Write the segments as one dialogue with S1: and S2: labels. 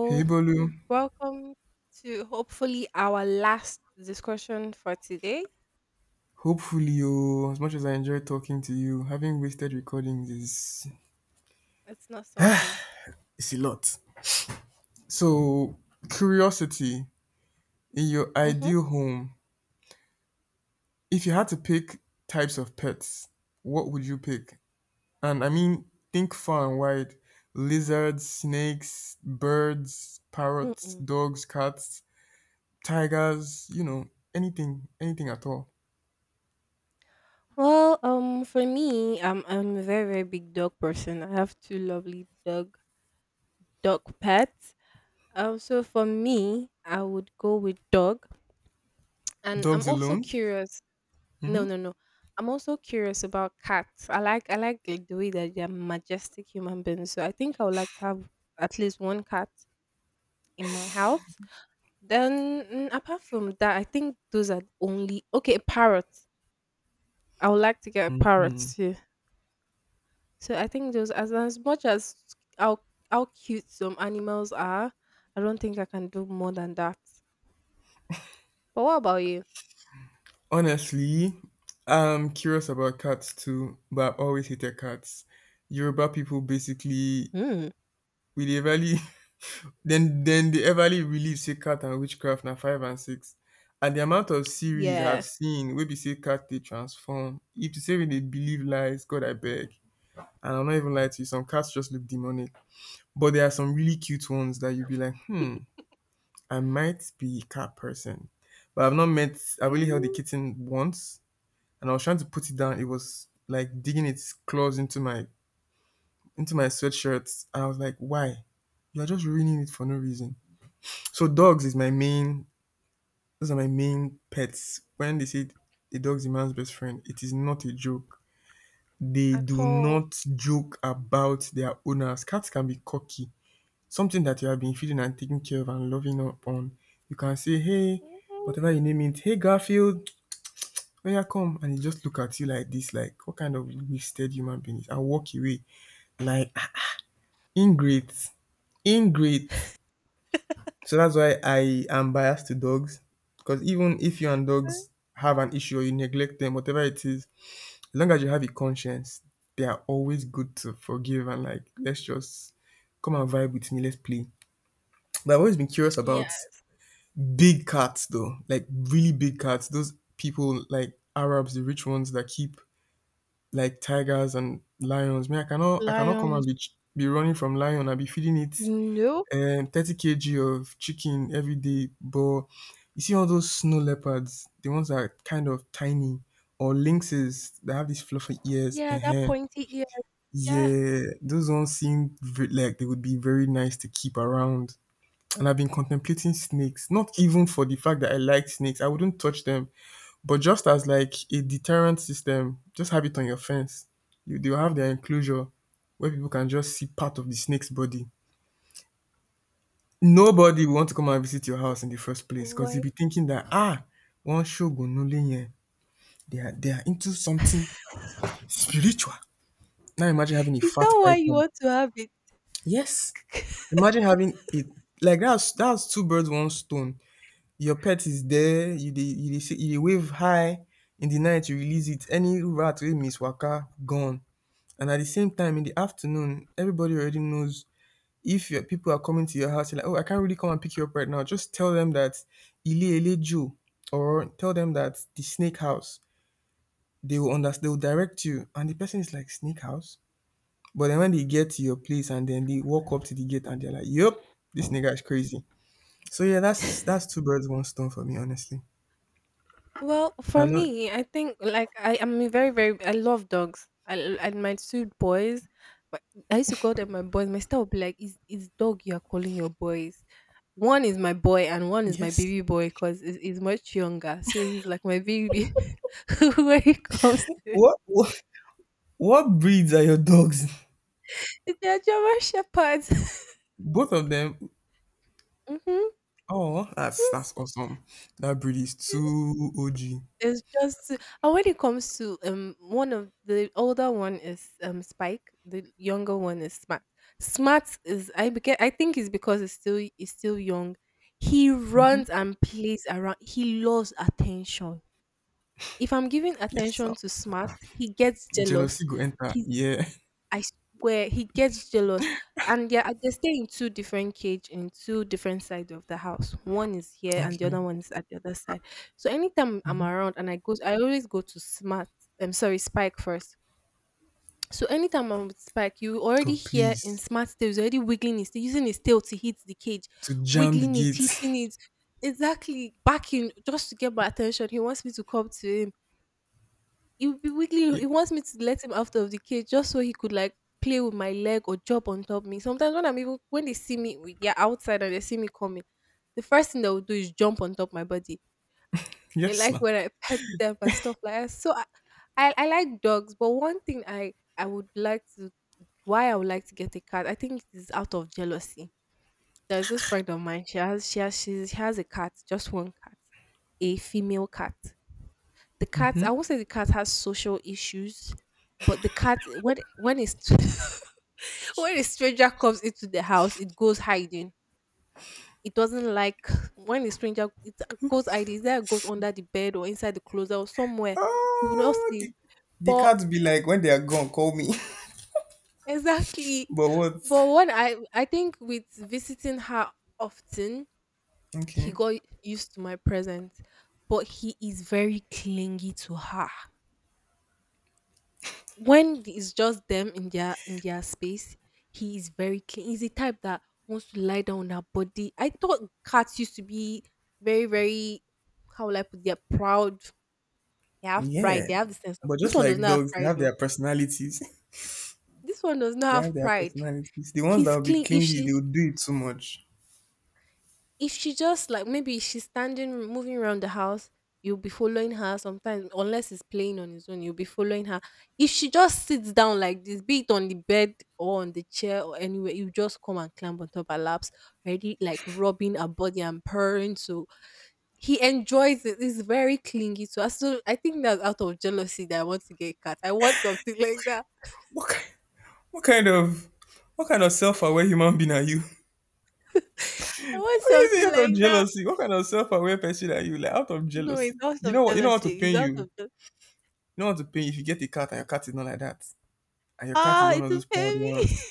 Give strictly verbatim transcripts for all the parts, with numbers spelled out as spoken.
S1: Hey Bolu,
S2: welcome to hopefully our last discussion for today.
S1: hopefully oh, as much as I enjoy talking to you, having wasted recordings is
S2: It's not something.
S1: it's a lot. So curiosity in your
S2: Mm-hmm.
S1: ideal home, if you had to pick types of pets, what would you pick? And I mean think far and wide. Lizards, snakes, birds, parrots,
S2: Mm-mm.
S1: dogs, cats, tigers, you know, anything, anything at all.
S2: Well, um, for me, I'm I'm a very, very big dog person. I have two lovely dog dog pets. Um, so for me, I would go with dog, and I'm
S1: Dogs
S2: also
S1: alone?
S2: curious. No, no, no. I'm also curious about cats. I like I like the the way that they're majestic human beings. So I think I would like to have at least one cat in my house. Then mm, apart from that, I think those are only okay. A parrot. I would like to get a parrot
S1: Mm-hmm.
S2: too. So I think those, as as much as how how cute some animals are, I don't think I can do more than that. But what about you?
S1: Honestly, I'm curious about cats too, but I've always hated cats. Yoruba people basically
S2: Hmm.
S1: with dey everly then then they everly believe say cat and witchcraft na five and six. And the amount of series I've
S2: Yes.
S1: seen wey be say cat they transform. If you say we dey believe lies, God I beg. And i am not even lie to you, some cats just look demonic. But there are some really cute ones that you would be like, hmm, I might be a cat person. But I've not met I've only held a
S2: Mm,
S1: kitten once, and I was trying to put it down. It was like digging its claws into my into my sweatshirt. And I was like, why? You are just ruining it for no reason. So dogs is my main. Those are my main pets. When they say a dog is a man's best friend, it is not a joke. They
S2: at
S1: do
S2: all.
S1: not joke about their owners. Cats can be cocky. Something that you have been feeding and taking care of and loving up on, you can say, hey, whatever you name it, hey Garfield, oya come, and he just look at you like this, like what kind of wasted human being is, and walk away like, ah, ingrate, ingrate. So that's why i am biased to dogs, because even if you and dogs have an issue, or you neglect them, whatever it is, as long as you have a conscience, they are always good to forgive and like, let's just come and vibe with me, let's play. But i've always been curious
S2: Yeah.
S1: about big cats though, like really big cats. Those people like arabs, the rich ones that keep like tigers and lions. Me, I cannot, I cannot come and
S2: Lions.
S1: be ch- be running from lion. I be feeding it
S2: No.
S1: um, thirty kilograms of chicken every day. But you see all those snow leopards, the ones that are kind of tiny, or lynxes that have these fluffy ears.
S2: Yeah, that
S1: uh
S2: pointy ear. Yes.
S1: Yeah, those ones seem ve- like they would be very nice to keep around. And I've been contemplating snakes, not even for the fact that I like snakes. I wouldn't touch them, but just as like a deterrent system, just have it on your fence. You, they'll have their enclosure where people can just see part of the snake's body. Nobody will want to come and visit your house in the first place, because you'll
S2: Why?
S1: be thinking that, ah, one shogun no lenye. They are, they are into something spiritual. Now imagine having a
S2: Is
S1: fat
S2: that why you
S1: python.
S2: want to have it?
S1: Yes. Imagine having it, like, that's that's two birds, one stone. Your pet is there, you they you they, say, you dey wave high in the night, you release it. Any rat will miss waka gone. And at the same time, in the afternoon, everybody already knows if your people are coming to your house, you're like, oh, I can't really come and pick you up right now. Just tell them that Ile Ile Joe, or tell them that the snake house. They will understand, they will direct you. And the person is like, snake house? But then when they get to your place and then they walk up to the gate and they're like, yup, this nigga is crazy. So yeah, that's that's two birds, one stone for me, honestly.
S2: Well, for
S1: I'm not.
S2: me, I think like I am very, very. I love dogs. I l- and my two boys, but I used to call them my boys. My sister would be like, "Is is dog you are calling your boys? One is my boy and one is my
S1: Yes.
S2: baby boy because he's, he's much younger, so he's like my baby when it comes to it.
S1: What what, what breeds are your dogs?
S2: They're German shepherds.
S1: Both of them?
S2: mm-hmm.
S1: Oh, that's that's
S2: Yes.
S1: awesome. That breed is too O G.
S2: It's just, and when it comes to, um one of the older one is, um Spike, the younger one is Smart. Smart is, I beca- I think it's because it's still it's still young. He runs and plays around. He loves attention. If I'm giving
S1: Yes, sir.
S2: attention to Smart, he gets
S1: Jealousy
S2: jealous.
S1: go enter.
S2: He's
S1: Yeah.
S2: I swear he gets jealous. And yeah, uh, they stay in two different cage in two different sides of the house. One is here and the
S1: Okay.
S2: other one is at the other side. So anytime I'm
S1: Mm-hmm.
S2: around and I go, I always go to Smart. I'm sorry, Spike first. So anytime I'm with Spike, you already
S1: God,
S2: hear in
S1: please
S2: Smart's tail, he's already wiggling his tail, using his tail to hit the cage,
S1: to jam the
S2: wiggling it,
S1: gates.
S2: hitting it, exactly backing just to get my attention. He wants me to come to him. He would be wiggling.
S1: Yeah.
S2: He wants me to let him out of the cage just so he could like play with my leg or jump on top of me. Sometimes when I'm even when they see me, we- they're outside and they see me coming. The first thing they will do is jump on top my body. They
S1: Yes,
S2: like
S1: now.
S2: when I pet them and stuff like that. So I, I, I like dogs, but one thing I I would like to, why I would like to get a cat, I think it is out of jealousy. There's this friend of mine. She has she has she, she has a cat, just one cat, a female cat. The cat, I won't say the cat has social issues, but the cat, when when a when a stranger comes into the house, it goes hiding. It doesn't like when a stranger, it goes hiding. Either it goes under the bed or inside the closet or somewhere. You will not
S1: Oh,
S2: see.
S1: the, the
S2: But
S1: cats be like, when they are gone, call me.
S2: exactly.
S1: But what?
S2: But when I I think with visiting her often, he
S1: Okay.
S2: got used to my presence. But he is very clingy to her. When it's just them in their in their space, he is very clean. He's the type that wants to lie down on her body. I thought cats used to be very, very, how will I put, they're proud. They have
S1: Yeah.
S2: pride. They have the sense of
S1: But
S2: this
S1: just
S2: one does
S1: like
S2: not have
S1: dogs, they
S2: pride
S1: have
S2: though.
S1: their personalities.
S2: This one does
S1: They
S2: not
S1: have
S2: have
S1: their
S2: pride.
S1: personalities. The ones that
S2: He's
S1: will be
S2: clean. If
S1: clingy, they will
S2: she
S1: do it too much.
S2: if she just like maybe she's standing moving around the house, you'll be following her sometimes. Unless it's playing on his own, you'll be following her. If she just sits down like this, be it on the bed or on the chair or anywhere, you just come and climb on top of her laps, already like rubbing her body and purring. So he enjoys it. He's very clingy to us, so I think that's out of jealousy, that I want to get a cat. I want something like that.
S1: What kind, what kind of what kind of self-aware human being are you?
S2: I want
S1: Is it
S2: something
S1: out of
S2: like that.
S1: jealousy? What kind of self-aware person are you? Like, out of
S2: No,
S1: jealousy.
S2: it's out
S1: You know
S2: of
S1: what? You know what to
S2: jealousy. It's
S1: pain you.
S2: out
S1: You
S2: of jealousy.
S1: know what to pain you if you get a cat and your cat is not like that, and your cat is
S2: Ah,
S1: one of
S2: it's a
S1: those proud
S2: baby.
S1: ones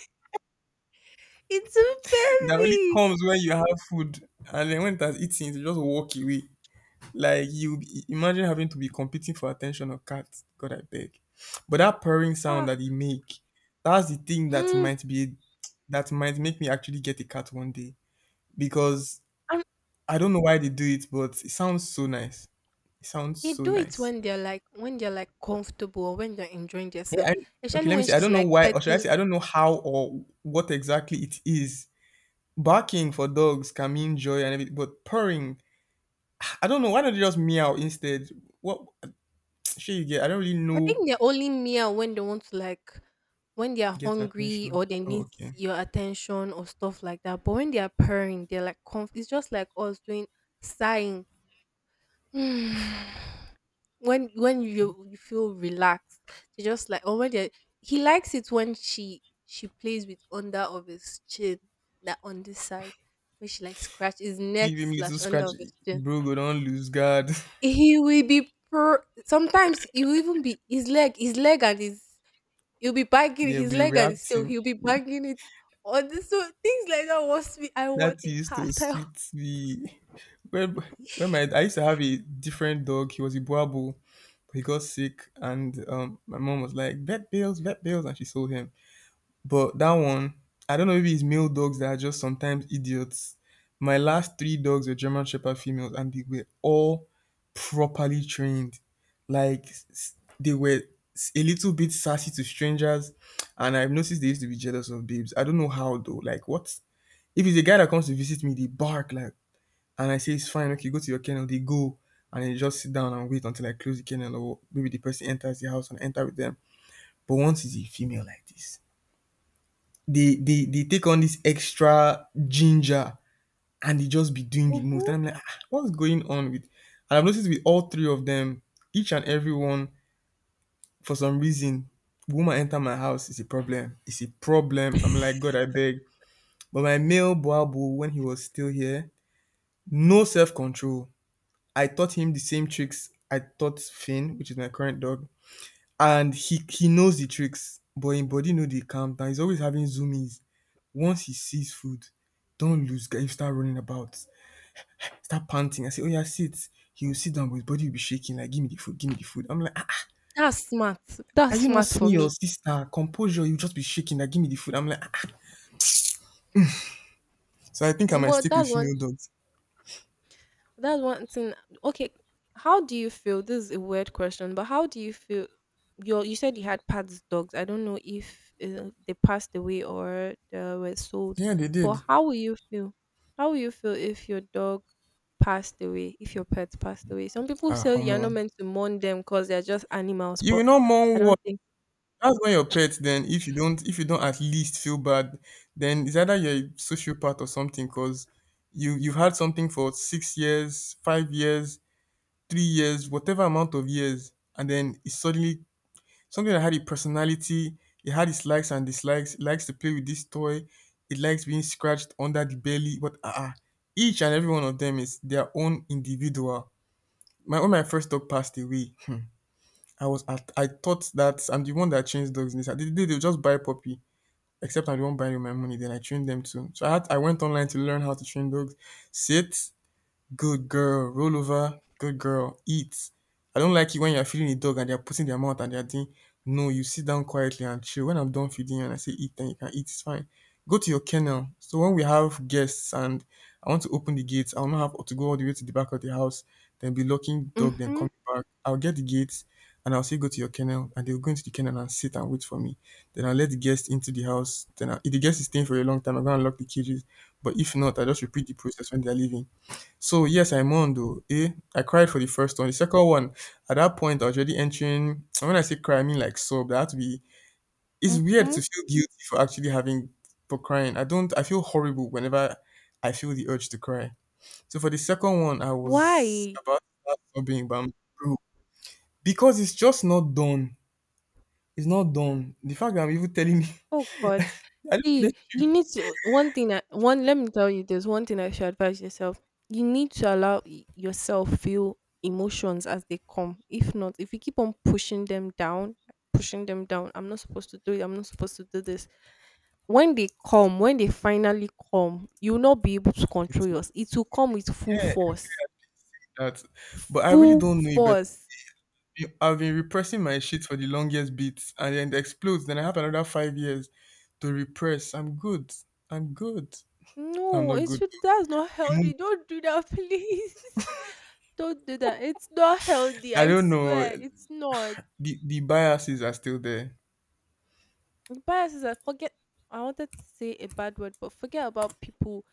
S2: It's a
S1: that only
S2: baby.
S1: comes when you have food, and then when it has eaten, you just walk away. Like, you imagine having to be competing for attention of cats. God, I beg. But that purring
S2: Ah.
S1: sound that he make, that's the thing that
S2: Mm.
S1: might be, that might make me actually get a cat one day, because
S2: And
S1: I don't know why they do it, but it sounds so nice. It sounds
S2: they
S1: so
S2: do it
S1: nice.
S2: when they're like when they're like comfortable or when they're enjoying
S1: Yeah,
S2: themselves.
S1: I, okay,
S2: Especially
S1: let me
S2: when
S1: see. I
S2: she's
S1: don't know
S2: like
S1: why, or should I
S2: petting.
S1: say, I don't know how or what exactly it is. Barking for dogs can mean joy and everything, but purring, I don't know. Why don't you just meow instead? What should you get? I don't really
S2: I
S1: know.
S2: think they only meow when they want to like when they are
S1: Get
S2: hungry
S1: attention.
S2: or they
S1: Oh,
S2: need
S1: okay.
S2: your attention or stuff like that. But when they are purring, they're like comf- it's just like us doing sighing. when when you you feel relaxed, they just like, or when they, he likes it when she she plays with under of his chin, that on this side, when she like scratch his neck
S1: Give him little
S2: slash under
S1: scratch,
S2: of his chin,
S1: bro. Go don't lose guard.
S2: he will be per sometimes he will even be his leg his leg and his, he'll be banging
S1: Yeah,
S2: his
S1: be
S2: leg and his tail,
S1: reacting.
S2: he'll be banging it on this. So things like that wants me. I want
S1: That
S2: a
S1: used to
S2: cat. I.
S1: sweet me. When, when my I used to have a different dog. He was a boabo, but he got sick, and um, my mom was like, "Vet bills, vet bills," and she sold him. But that one, I don't know if it's male dogs that are just sometimes idiots. My last three dogs were German Shepherd females, and they were all properly trained. Like s- they were s- a little bit sassy to strangers, and I've noticed they used to be jealous of babes. I don't know how though. Like what? If it's a guy that comes to visit me, they bark like, and I say it's fine. Okay, go to your kennel. They go and they just sit down and wait until I close the kennel, or maybe the person enters the house and I enter with them. But once it's a female like this, they they they take on this extra ginger and they just be doing the most. And
S2: Mhm.
S1: I'm like, "Ah, what's going on with?" And I've noticed with all three of them, each and every one, for some reason, woman enter my house is a problem. It's a problem. I'm like, God, I beg. But my male Boabo, when he was still here, no self control. I taught him the same tricks I taught Finn, which is my current dog, and he he knows the tricks, but his body know they calm down. He's always having zoomies. Once he sees food, don't lose guy. He start running about, start panting. I say, oh yeah, sit. He will sit down, but his body will be shaking. Like, give me the food, give me the food. I'm like, ah, ah,
S2: that's smart
S1: are
S2: that's
S1: you not
S2: smart for
S1: seeing your
S2: me.
S1: sister? Composure, you just be shaking. Like, give me the food. I'm like, ah. Ah. So I think I might
S2: But
S1: stick with
S2: that's one
S1: female dogs.
S2: That's one thing. Okay, how do you feel? This is a weird question, but how do you feel? You you said you had Pat's dogs. I don't know if uh, they passed away or they were sold,
S1: Yeah, they
S2: but
S1: did.
S2: how will you feel? How will you feel if your dog passed away? If your pet passed away? Some people
S1: Ah,
S2: say you're
S1: um,
S2: not meant to mourn them because they're just animals,
S1: you will
S2: but
S1: not mourn
S2: I
S1: what.
S2: don't think.
S1: That's when your pet then, if you don't if you don't at least feel bad, then it's either you're a sociopath or something, because you you've had something for six years, five years, three years, whatever amount of years, and then it's suddenly something that had a personality, it had its likes and dislikes, it likes to play with this toy, it likes being scratched under the belly, but uh, uh each and every one of them is their own individual. My When my first dog passed away. I was at, I thought that I'm the one that trains dogs in this. They, they, they just buy puppy, except I'm the one buying with my money. Then I train them too. So I had, I went online to learn how to train dogs. Sit. Good girl. Roll over. Good girl. Eat. I don't like it when you're feeding a dog and they're putting their mouth and they're doing. No, you sit down quietly and chill. When I'm done feeding you and I say eat, then you can eat. It's fine. Go to your kennel. So when we have guests and I want to open the gates, I'll not have to go all the way to the back of the house, then be locking dog, then
S2: Mhm.
S1: coming back. I'll get the gates and I'll say go to your kennel, and they'll go into the kennel and sit and wait for me. Then I'll let the guest into the house. Then I if the guest is staying for a long time, I'm gonna lock the cages. But if not, I just repeat the process when they're leaving. So yes, I mourned though. Eh, I cried for the first one. The second one, at that point, I was already entering. And when I say cry, I mean like sob. That had to be. It's weird to
S2: Mhm.
S1: feel guilty for actually having for crying. I don't. I feel horrible whenever I feel the urge to cry. So for the second one, I was
S2: Why?
S1: about to start sobbing, but I'm broke because it's just not done. It's not done. The fact that I'm even telling me,
S2: Oh God.
S1: I just
S2: See,
S1: make
S2: you need to, one thing that one, let me tell you, there's one thing I should advise yourself. You need to allow y- yourself feel emotions as they come. If not, if you keep on pushing them down, pushing them down, I'm not supposed to do it, I'm not supposed to do this. When they come, when they finally come, you'll not be able to control
S1: it
S2: yours. It will come with full force.
S1: that, but I really
S2: Full
S1: don't know it better.
S2: force.
S1: you- I've been repressing my shit for the longest bit and then it explodes. Then I have another five years to repress. I'm good. I'm good. I'm
S2: No,
S1: not
S2: it's
S1: good.
S2: really that's not
S1: The mo-
S2: healthy. Don't do that, please. Don't do that. It's not healthy.
S1: I
S2: I
S1: don't know.
S2: swear, it's not.
S1: The, the biases are still there.
S2: Biases are, forget. I wanted to say a bad word, but forget about people.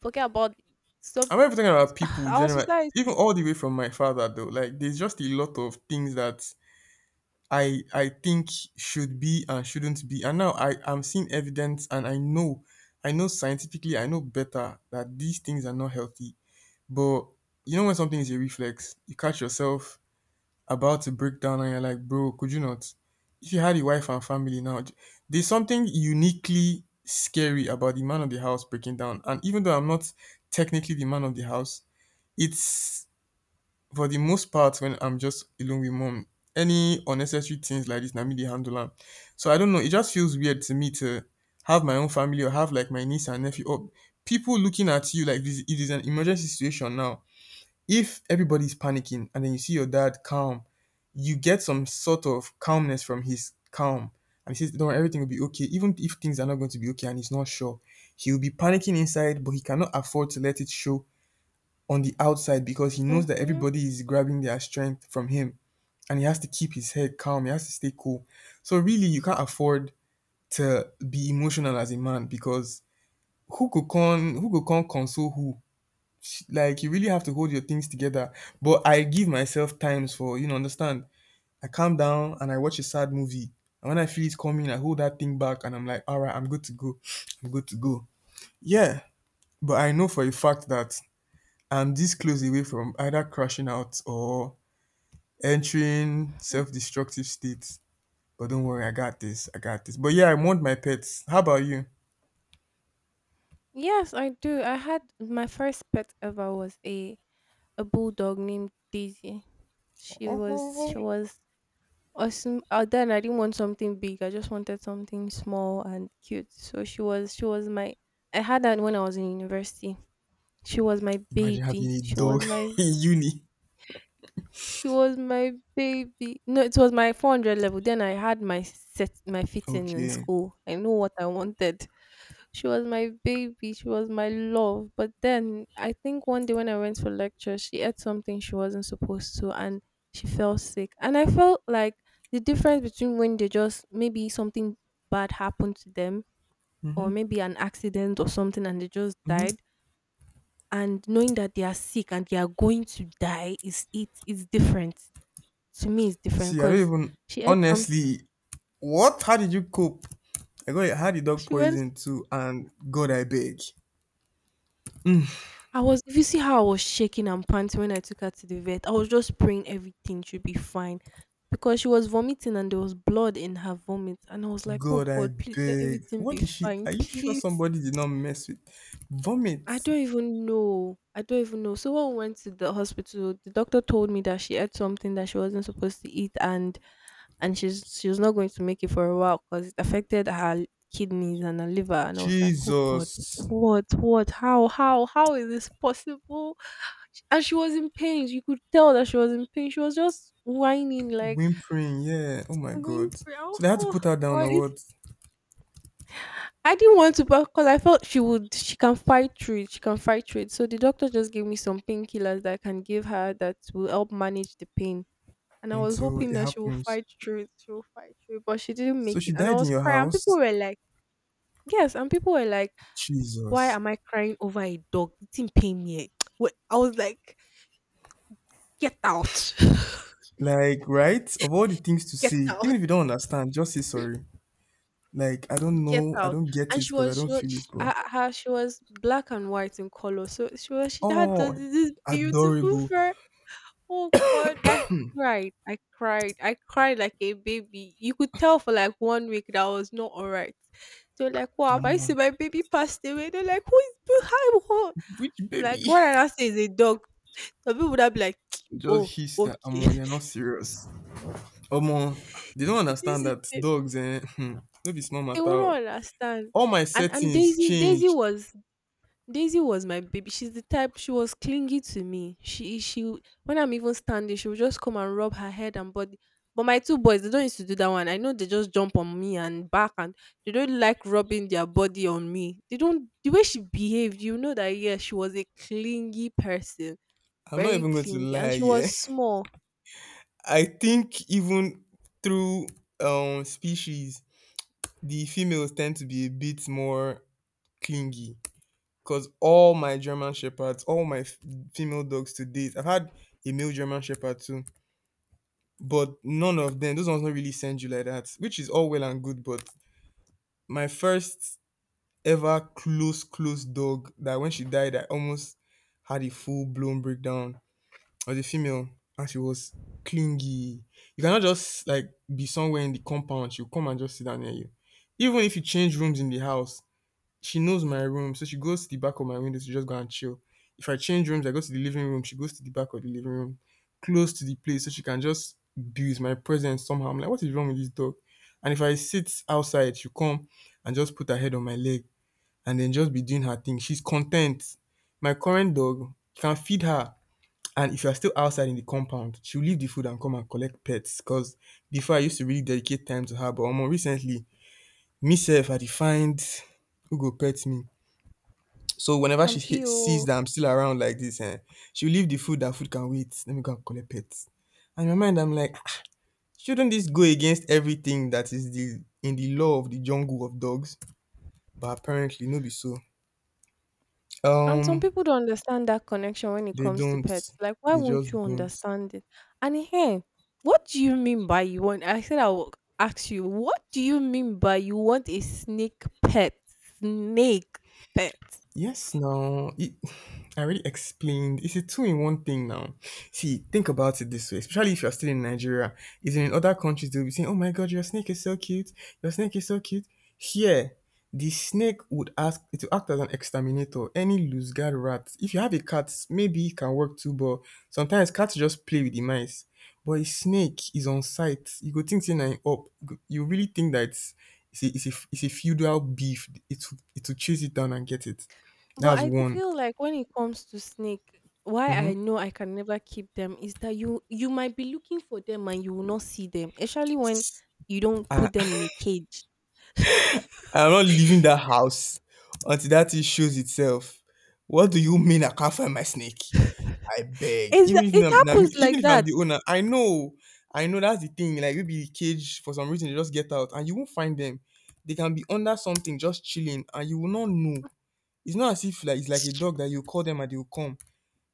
S2: Forget about some,
S1: I'm not even talking about people
S2: our
S1: generally, even
S2: society.
S1: all the way from my father though. Like there's just a lot of things that I I think should be and shouldn't be. And now I, I'm seeing evidence and I know I know scientifically I know better that these things are not healthy. But you know when something is a reflex, you catch yourself about to break down and you're like, bro, could you not? If you had a wife and family now, j- there's something uniquely scary about the man of the house breaking down. And even though I'm not technically the man of the house, it's for the most part when I'm just alone with mom. Any unnecessary things like this, na me dey handle am. So I don't know. It just feels weird to me to have my own family or have like my niece and nephew or people looking at you like this. It is an emergency situation now if everybody's panicking and then you see your dad calm, you get some sort of calmness from his calm. And he says, don't worry, everything will be okay. Even if things are not going to be okay and he's not sure, he'll be panicking inside, but he cannot afford to let it show on the outside because he knows that
S2: Mm-hmm.
S1: everybody is grabbing their strength from him and he has to keep his head calm. He has to stay cool. So, really, you can't afford to be emotional as a man because who could con who could con console who, like you really have to hold your things together. But I give myself times for, you know, understand. I calm down and I watch a sad movie. And when I feel it coming, I hold that thing back and I'm like, all right, I'm good to go. I'm good to go. Yeah. But I know for a fact that I'm this close away from either crashing out or entering self destructive states. But don't worry, I got this. I got this. But yeah, I want my pets. How about you?
S2: Yes, I do. I had my first pet ever was a a bulldog named Daisy. She was,
S1: Oh,
S2: she was Or sm- uh, then I didn't want something big. I just wanted something small and cute. So she was she was my I had that when I was in university. She was my
S1: imagine having
S2: baby.
S1: a
S2: She
S1: dog
S2: was my
S1: in uni.
S2: she was my baby. No, it was my four hundred level. Then I had my set, my fitting in
S1: Okay.
S2: school. I know what I wanted. She was my baby. She was my love. But then I think one day when I went for lecture, she ate something she wasn't supposed to, and she fell sick. And I felt like the difference between when they just maybe something bad happened to them or maybe an accident or something and they just
S1: Mm-hmm.
S2: died, and knowing that they are sick and they are going to die, is it is different. To me it's different
S1: See, I don't
S2: because
S1: even
S2: she ate some
S1: honestly. What? How did you cope? I got I had a dog
S2: she went
S1: poison too, and God, I beg,
S2: I was, if you see how I was shaking and panting when I took her to the vet, I was just praying everything should be fine because she was vomiting and there was blood in her vomit. And I was like, oh
S1: God, I
S2: God, please let
S1: beg.
S2: everything
S1: What
S2: be
S1: did she?
S2: fine,
S1: Are you sure
S2: please.
S1: somebody did not mess with vomit?
S2: I don't even know. I don't even know. So when we went to the hospital, the doctor told me that she ate something that she wasn't supposed to eat, and and she's she was not going to make it for a while because it affected her kidneys and her liver. And I was like, oh God,
S1: Jesus,
S2: what, what, how, how, how is this possible? Sh- And she was in pain. You could tell that she was in pain. She was just whining like,
S1: whimpering. Yeah. Oh my
S2: "I'm in
S1: God.
S2: pain.
S1: So
S2: Oh,
S1: they had to
S2: oh,
S1: put her down
S2: why."
S1: or what?
S2: I didn't want to, because I felt she would, she can fight through it. She can fight through it. So the doctor just gave me some painkillers that I can give her that will help manage the pain. And I was
S1: Until
S2: hoping
S1: it
S2: that she will
S1: happens.
S2: fight through it. She will fight through it, but she didn't
S1: So
S2: make
S1: she
S2: it. And I
S1: died in
S2: was
S1: your
S2: crying. And people
S1: house.
S2: were like, "Yes," and people were like, "Why
S1: Jesus.
S2: am I crying over a dog? It didn't pain me." Eh. Wait, I was like, "Get out,
S1: Like, right? Of all the things to
S2: get
S1: say,
S2: out,
S1: even if you don't understand, just say sorry. Like, I don't
S2: get
S1: know. I
S2: out!"
S1: don't get
S2: And
S1: it
S2: she
S1: because I
S2: was,
S1: don't
S2: she was,
S1: feel it,
S2: she,
S1: bro.
S2: her, her- she was black and white in color. So she was, she had this
S1: Oh,
S2: this beautiful
S1: adorable.
S2: fur. Oh God, I cried. I cried. I cried like a baby. You could tell for like one week that I was not all right. They're like, wow, I
S1: Omo,
S2: see my baby passed away. They're like, who is behind? Who?
S1: which
S2: I'm like,
S1: baby
S2: what did I say is a dog? Some people would have been like, oh,
S1: just hissed that,
S2: okay.
S1: Omo, you're not serious. Omo, they don't
S2: It
S1: understand
S2: is a
S1: that
S2: baby.
S1: dogs, eh? hmm, no be small
S2: They
S1: matter.
S2: will not
S1: O.
S2: understand.
S1: All my
S2: And and
S1: settings
S2: Daisy, Daisy
S1: changed.
S2: was Daisy was my baby. She's the type. She was clingy to me. She she when I'm even standing, she would just come and rub her head and body. But my two boys, they don't used to do that one. I know they just jump on me and back, and they don't like rubbing their body on me. They don't. The way she behaved, you know that yeah, she was a clingy person,
S1: I'm not
S2: very
S1: even going to
S2: clingy,
S1: lie,
S2: and she was
S1: yeah.
S2: small
S1: I think even through um species, the females tend to be a bit more clingy. Because all my German Shepherds, all my f- female dogs to date, I've had a male German Shepherd too, but none of them, those ones don't really send you like that, which is all well and good. But my first ever close, close dog that when she died, I almost had a full blown breakdown was a female and she was clingy. You cannot just like be somewhere in the compound, she'll come and just sit down near you. Even if you change rooms in the house, she knows my room, so she goes to the back of my window to just go and chill. If I change rooms, I go to the living room. She goes to the back of the living room, close to the place, so she can just abuse my presence somehow. I'm like, what is wrong with this dog? And if I sit outside, she come and just put her head on my leg and then just be doing her thing. She's content. My current dog, you can feed her. And if you're still outside in the compound, she'll leave the food and come and collect pets. Because before I used to really dedicate time to her, but more recently, myself, I defined who go pet me. So whenever she
S2: and
S1: he-
S2: big.
S1: sees that I'm still around like this, eh, she'll leave the food. That food can wait. Let me go and collect pets. And in my mind, I'm like, "Ah, shouldn't this go against everything that is the in the law of the jungle of dogs? But apparently, no, be so.
S2: And some
S1: Um,
S2: people don't understand that connection when it
S1: they
S2: comes to
S1: don't.
S2: pets. Like, why
S1: They just
S2: won't you
S1: don't.
S2: understand it? And hey, what do you mean by you want? I said I will ask you, what do you mean by you want a snake pet? Snake pet.
S1: Yes, no. It, I already explained. It's a two-in-one thing now. See, think about it this way, especially if you're still in Nigeria. Is in other countries they'll be saying, "Oh my God, your snake is so cute. Your snake is so cute." Here, the snake would ask it to act as an exterminator. Any loose guard rat. If you have a cat, maybe it can work too. But sometimes cats just play with the mice. But a snake is on sight. You go think saying up. You go- you really think that it's it's a, it's a, it's a feudal beef. It will- it will chase it down and get it.
S2: But
S1: That's
S2: I th-
S1: one.
S2: feel like when it comes to snake, why
S1: Mhm.
S2: I know I can never keep them is that you you might be looking for them and you will not see them, especially when you don't
S1: I,
S2: put them in a cage.
S1: I'm not leaving that house until that thing shows itself. What do you mean I can't find my snake? I beg. Even
S2: It's,
S1: if
S2: it
S1: I'm, na me-
S2: happens
S1: even
S2: like
S1: if I'm
S2: that.
S1: the owner, I know, I know that's the thing. Like maybe the cage for some reason they just get out and you won't find them. They can be under something just chilling and you will not know. It's not as if like it's like a dog that you call them and they will come.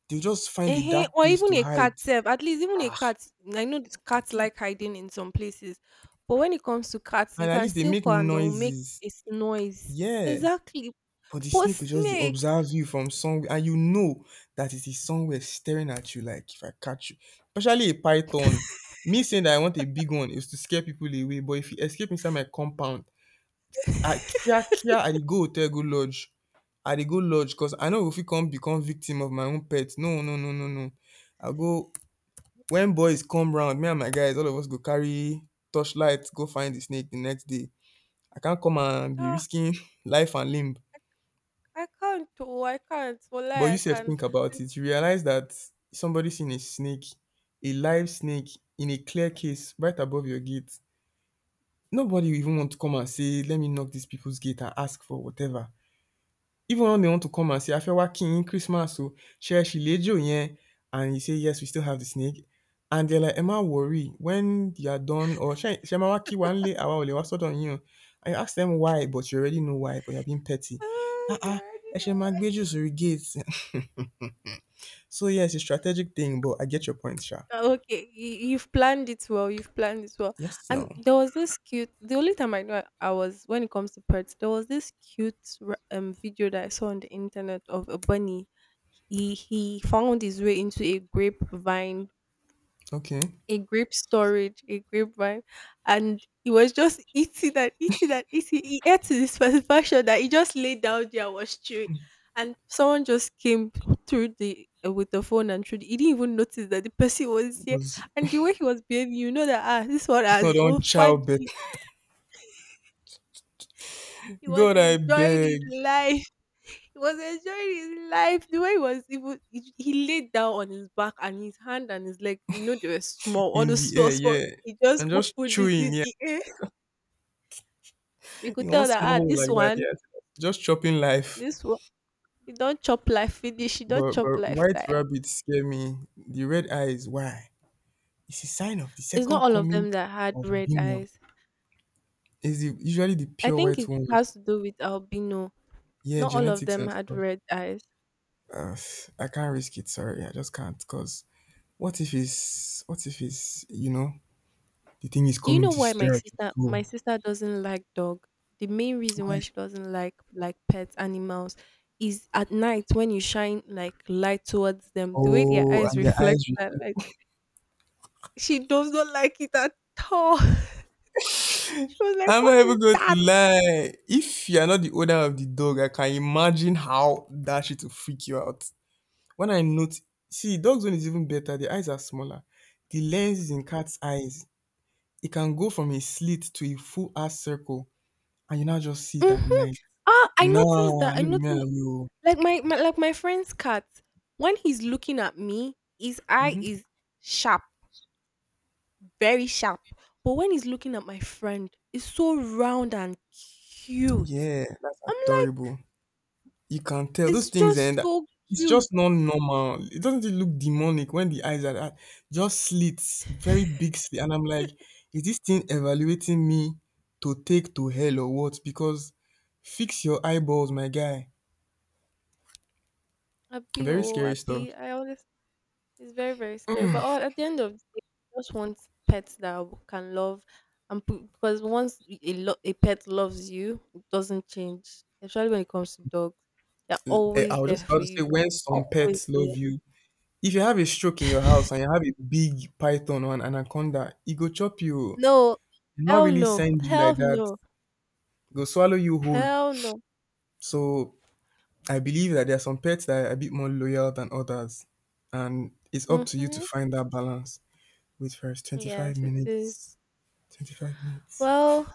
S1: They'll just find a
S2: Ehen,
S1: dark
S2: or
S1: place
S2: even
S1: to
S2: a cat
S1: hide.
S2: self, at least even a
S1: Ah.
S2: cat, I know th cats like hiding in some places, but when it comes to cats,
S1: And
S2: you
S1: at
S2: can
S1: least they
S2: still
S1: make
S2: call and they will make
S1: noises.
S2: this noise.
S1: Yeah.
S2: Exactly,
S1: But the
S2: but
S1: snake will just dey
S2: snake,
S1: observe you from somewhere and you know that it is somewhere staring at you like, "If I catch you," especially a python. Me saying that I want a big one is to scare people away but if e escape inside my compound, I kia-kia I dey go hotel go lodge. I dey go lodge, cause I no go fit come become victim of my own pet. No no no no no. I go when boys come round, me and my guys all of us go carry torchlight go find the snake the next day. I can't come and be
S2: ah,
S1: risking life and limb.
S2: I can't, oh, I can't. Well,
S1: But you
S2: I
S1: sef
S2: can't.
S1: think about it, you realize that somebody seen a snake, a live snake in a clear case right above your gate. Nobody will even want to come and say, let me knock these people's gate and ask for whatever. Even when they want to come and say, Afewa King, Christmas, so share she lejo yen, and you say, yes, we still have the snake. And they're like, Emma, worry when you are done, or Shemawaki one lay awa ole waso don you. I ask them why, but you already know why, but you're being petty.
S2: Ah,
S1: Ah
S2: you
S1: ah,
S2: already know.
S1: Eshema Gbejo Surigate, so yeah, it's a strategic thing, but I get your point, Sha.
S2: Oh, okay, you, you've planned it well. You've planned it well.
S1: Yes, no.
S2: And there was this cute. The only time I know I I was when it comes to pets, there was this cute r- um video that I saw on the internet of a bunny. He he found his way into a grapevine
S1: Okay.
S2: a grape storage, a grapevine, and he was just eating and eating and eating. He ate to the satisfaction that he just laid down there and was chewing. And someone just came through the uh, with the phone and through. The, he didn't even notice that the person was here.
S1: Was
S2: And the way he was behaving, you know that ah, this one
S1: it's
S2: has
S1: not
S2: his
S1: on
S2: own fat.
S1: childbirth.
S2: He was
S1: God I
S2: enjoying
S1: beg
S2: his life. He was enjoying his life. The way he was, he, was, he, he laid down on his back and his hand and his leg. You know they were small, all
S1: in
S2: those
S1: the
S2: small,
S1: air,
S2: small,
S1: yeah.
S2: he just
S1: And just
S2: opened it
S1: chewing,
S2: in
S1: yeah.
S2: the air. We could
S1: In one
S2: tell
S1: small
S2: that ah,
S1: hole
S2: this
S1: like that,
S2: one,
S1: yeah. Just chopping life.
S2: this one, you don't chop life finish, you don't
S1: But
S2: chop
S1: but
S2: life
S1: white
S2: tire.
S1: rabbits scare me. The red eyes, why? It's a sign of the
S2: It's not
S1: second
S2: all of
S1: coming
S2: them that had
S1: of the
S2: red
S1: demon.
S2: eyes.
S1: It's the, usually the
S2: I
S1: pure
S2: think
S1: white
S2: it
S1: ones.
S2: has to do with albino.
S1: Yeah,
S2: Not all of
S1: genetics
S2: them
S1: and
S2: had
S1: stuff.
S2: red eyes.
S1: Uh, I can't risk it. Sorry, I just can't. Cause what if it's what if it's, you know, the thing is
S2: Do you
S1: coming
S2: know
S1: to
S2: why my
S1: stare at your
S2: sister my
S1: soul.
S2: sister doesn't like dog? The main reason why
S1: Like,
S2: she doesn't like like pets, animals, is at night when you shine like light towards them, the way their
S1: oh,
S2: eyes
S1: and their
S2: reflect
S1: eyes
S2: that light.
S1: reflect.
S2: She does not like it at all. She was like,
S1: I'm
S2: what
S1: not even
S2: is
S1: going to
S2: that?
S1: lie. If you're not the owner of the dog, I can imagine how that shit will freak you out. When I note, see, dog's one is even better. The eyes are smaller. The lens is in cat's eyes. It can go from a slit to a full ass circle, and you now just see it at
S2: Mhm.
S1: night.
S2: Ah, I
S1: Nah,
S2: noticed that, I
S1: no be me
S2: noticed
S1: and you.
S2: like my my like my friend's cat, when he's looking at me, his eye
S1: Mm-hmm.
S2: is sharp, very sharp. But when he's looking at my friend, it's so round and cute.
S1: Yeah, that's
S2: I'm like,
S1: adorable. You can tell those
S2: it's
S1: things
S2: just
S1: and
S2: so
S1: it's
S2: cute.
S1: just not normal. It doesn't it look demonic when the eyes are are just slits, very big slit, and I'm like, is this thing evaluating me to take to hell or what? Because fix your eyeballs, my guy.
S2: Abi
S1: Very
S2: oh,
S1: scary stuff.
S2: abi. I always. It's very, very scary. But all, at the end of the day, we just want pets that w- can love and put, because once y- a, lo- a pet loves you, it doesn't change. Especially when it comes to dogs, they're
S1: Eh, I
S2: always
S1: was
S2: there
S1: just about
S2: for
S1: to say
S2: you.
S1: when some
S2: Always
S1: pets love
S2: there.
S1: you. If you have a stroke in your house and you have a big python or an anaconda, it go chop you.
S2: No,
S1: It not
S2: hell
S1: really
S2: no,
S1: send you
S2: hell
S1: like that.
S2: no,
S1: It go swallow you whole.
S2: hell no.
S1: So I believe that there are some pets that are a bit more loyal than others, and it's up to you to
S2: Mm-hmm.
S1: find that balance. Wait first, twenty-five
S2: Yes, it is.
S1: minutes. twenty-five minutes.
S2: Well,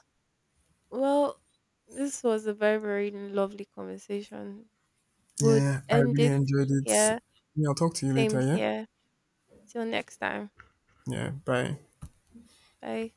S2: well, this was a very, very lovely conversation. Would
S1: Yeah, I
S2: end
S1: really
S2: it
S1: enjoyed it.
S2: here.
S1: Yeah, I'll talk to you later,
S2: Same
S1: yeah?
S2: here. Till next time.
S1: Yeah, bye.
S2: Bye.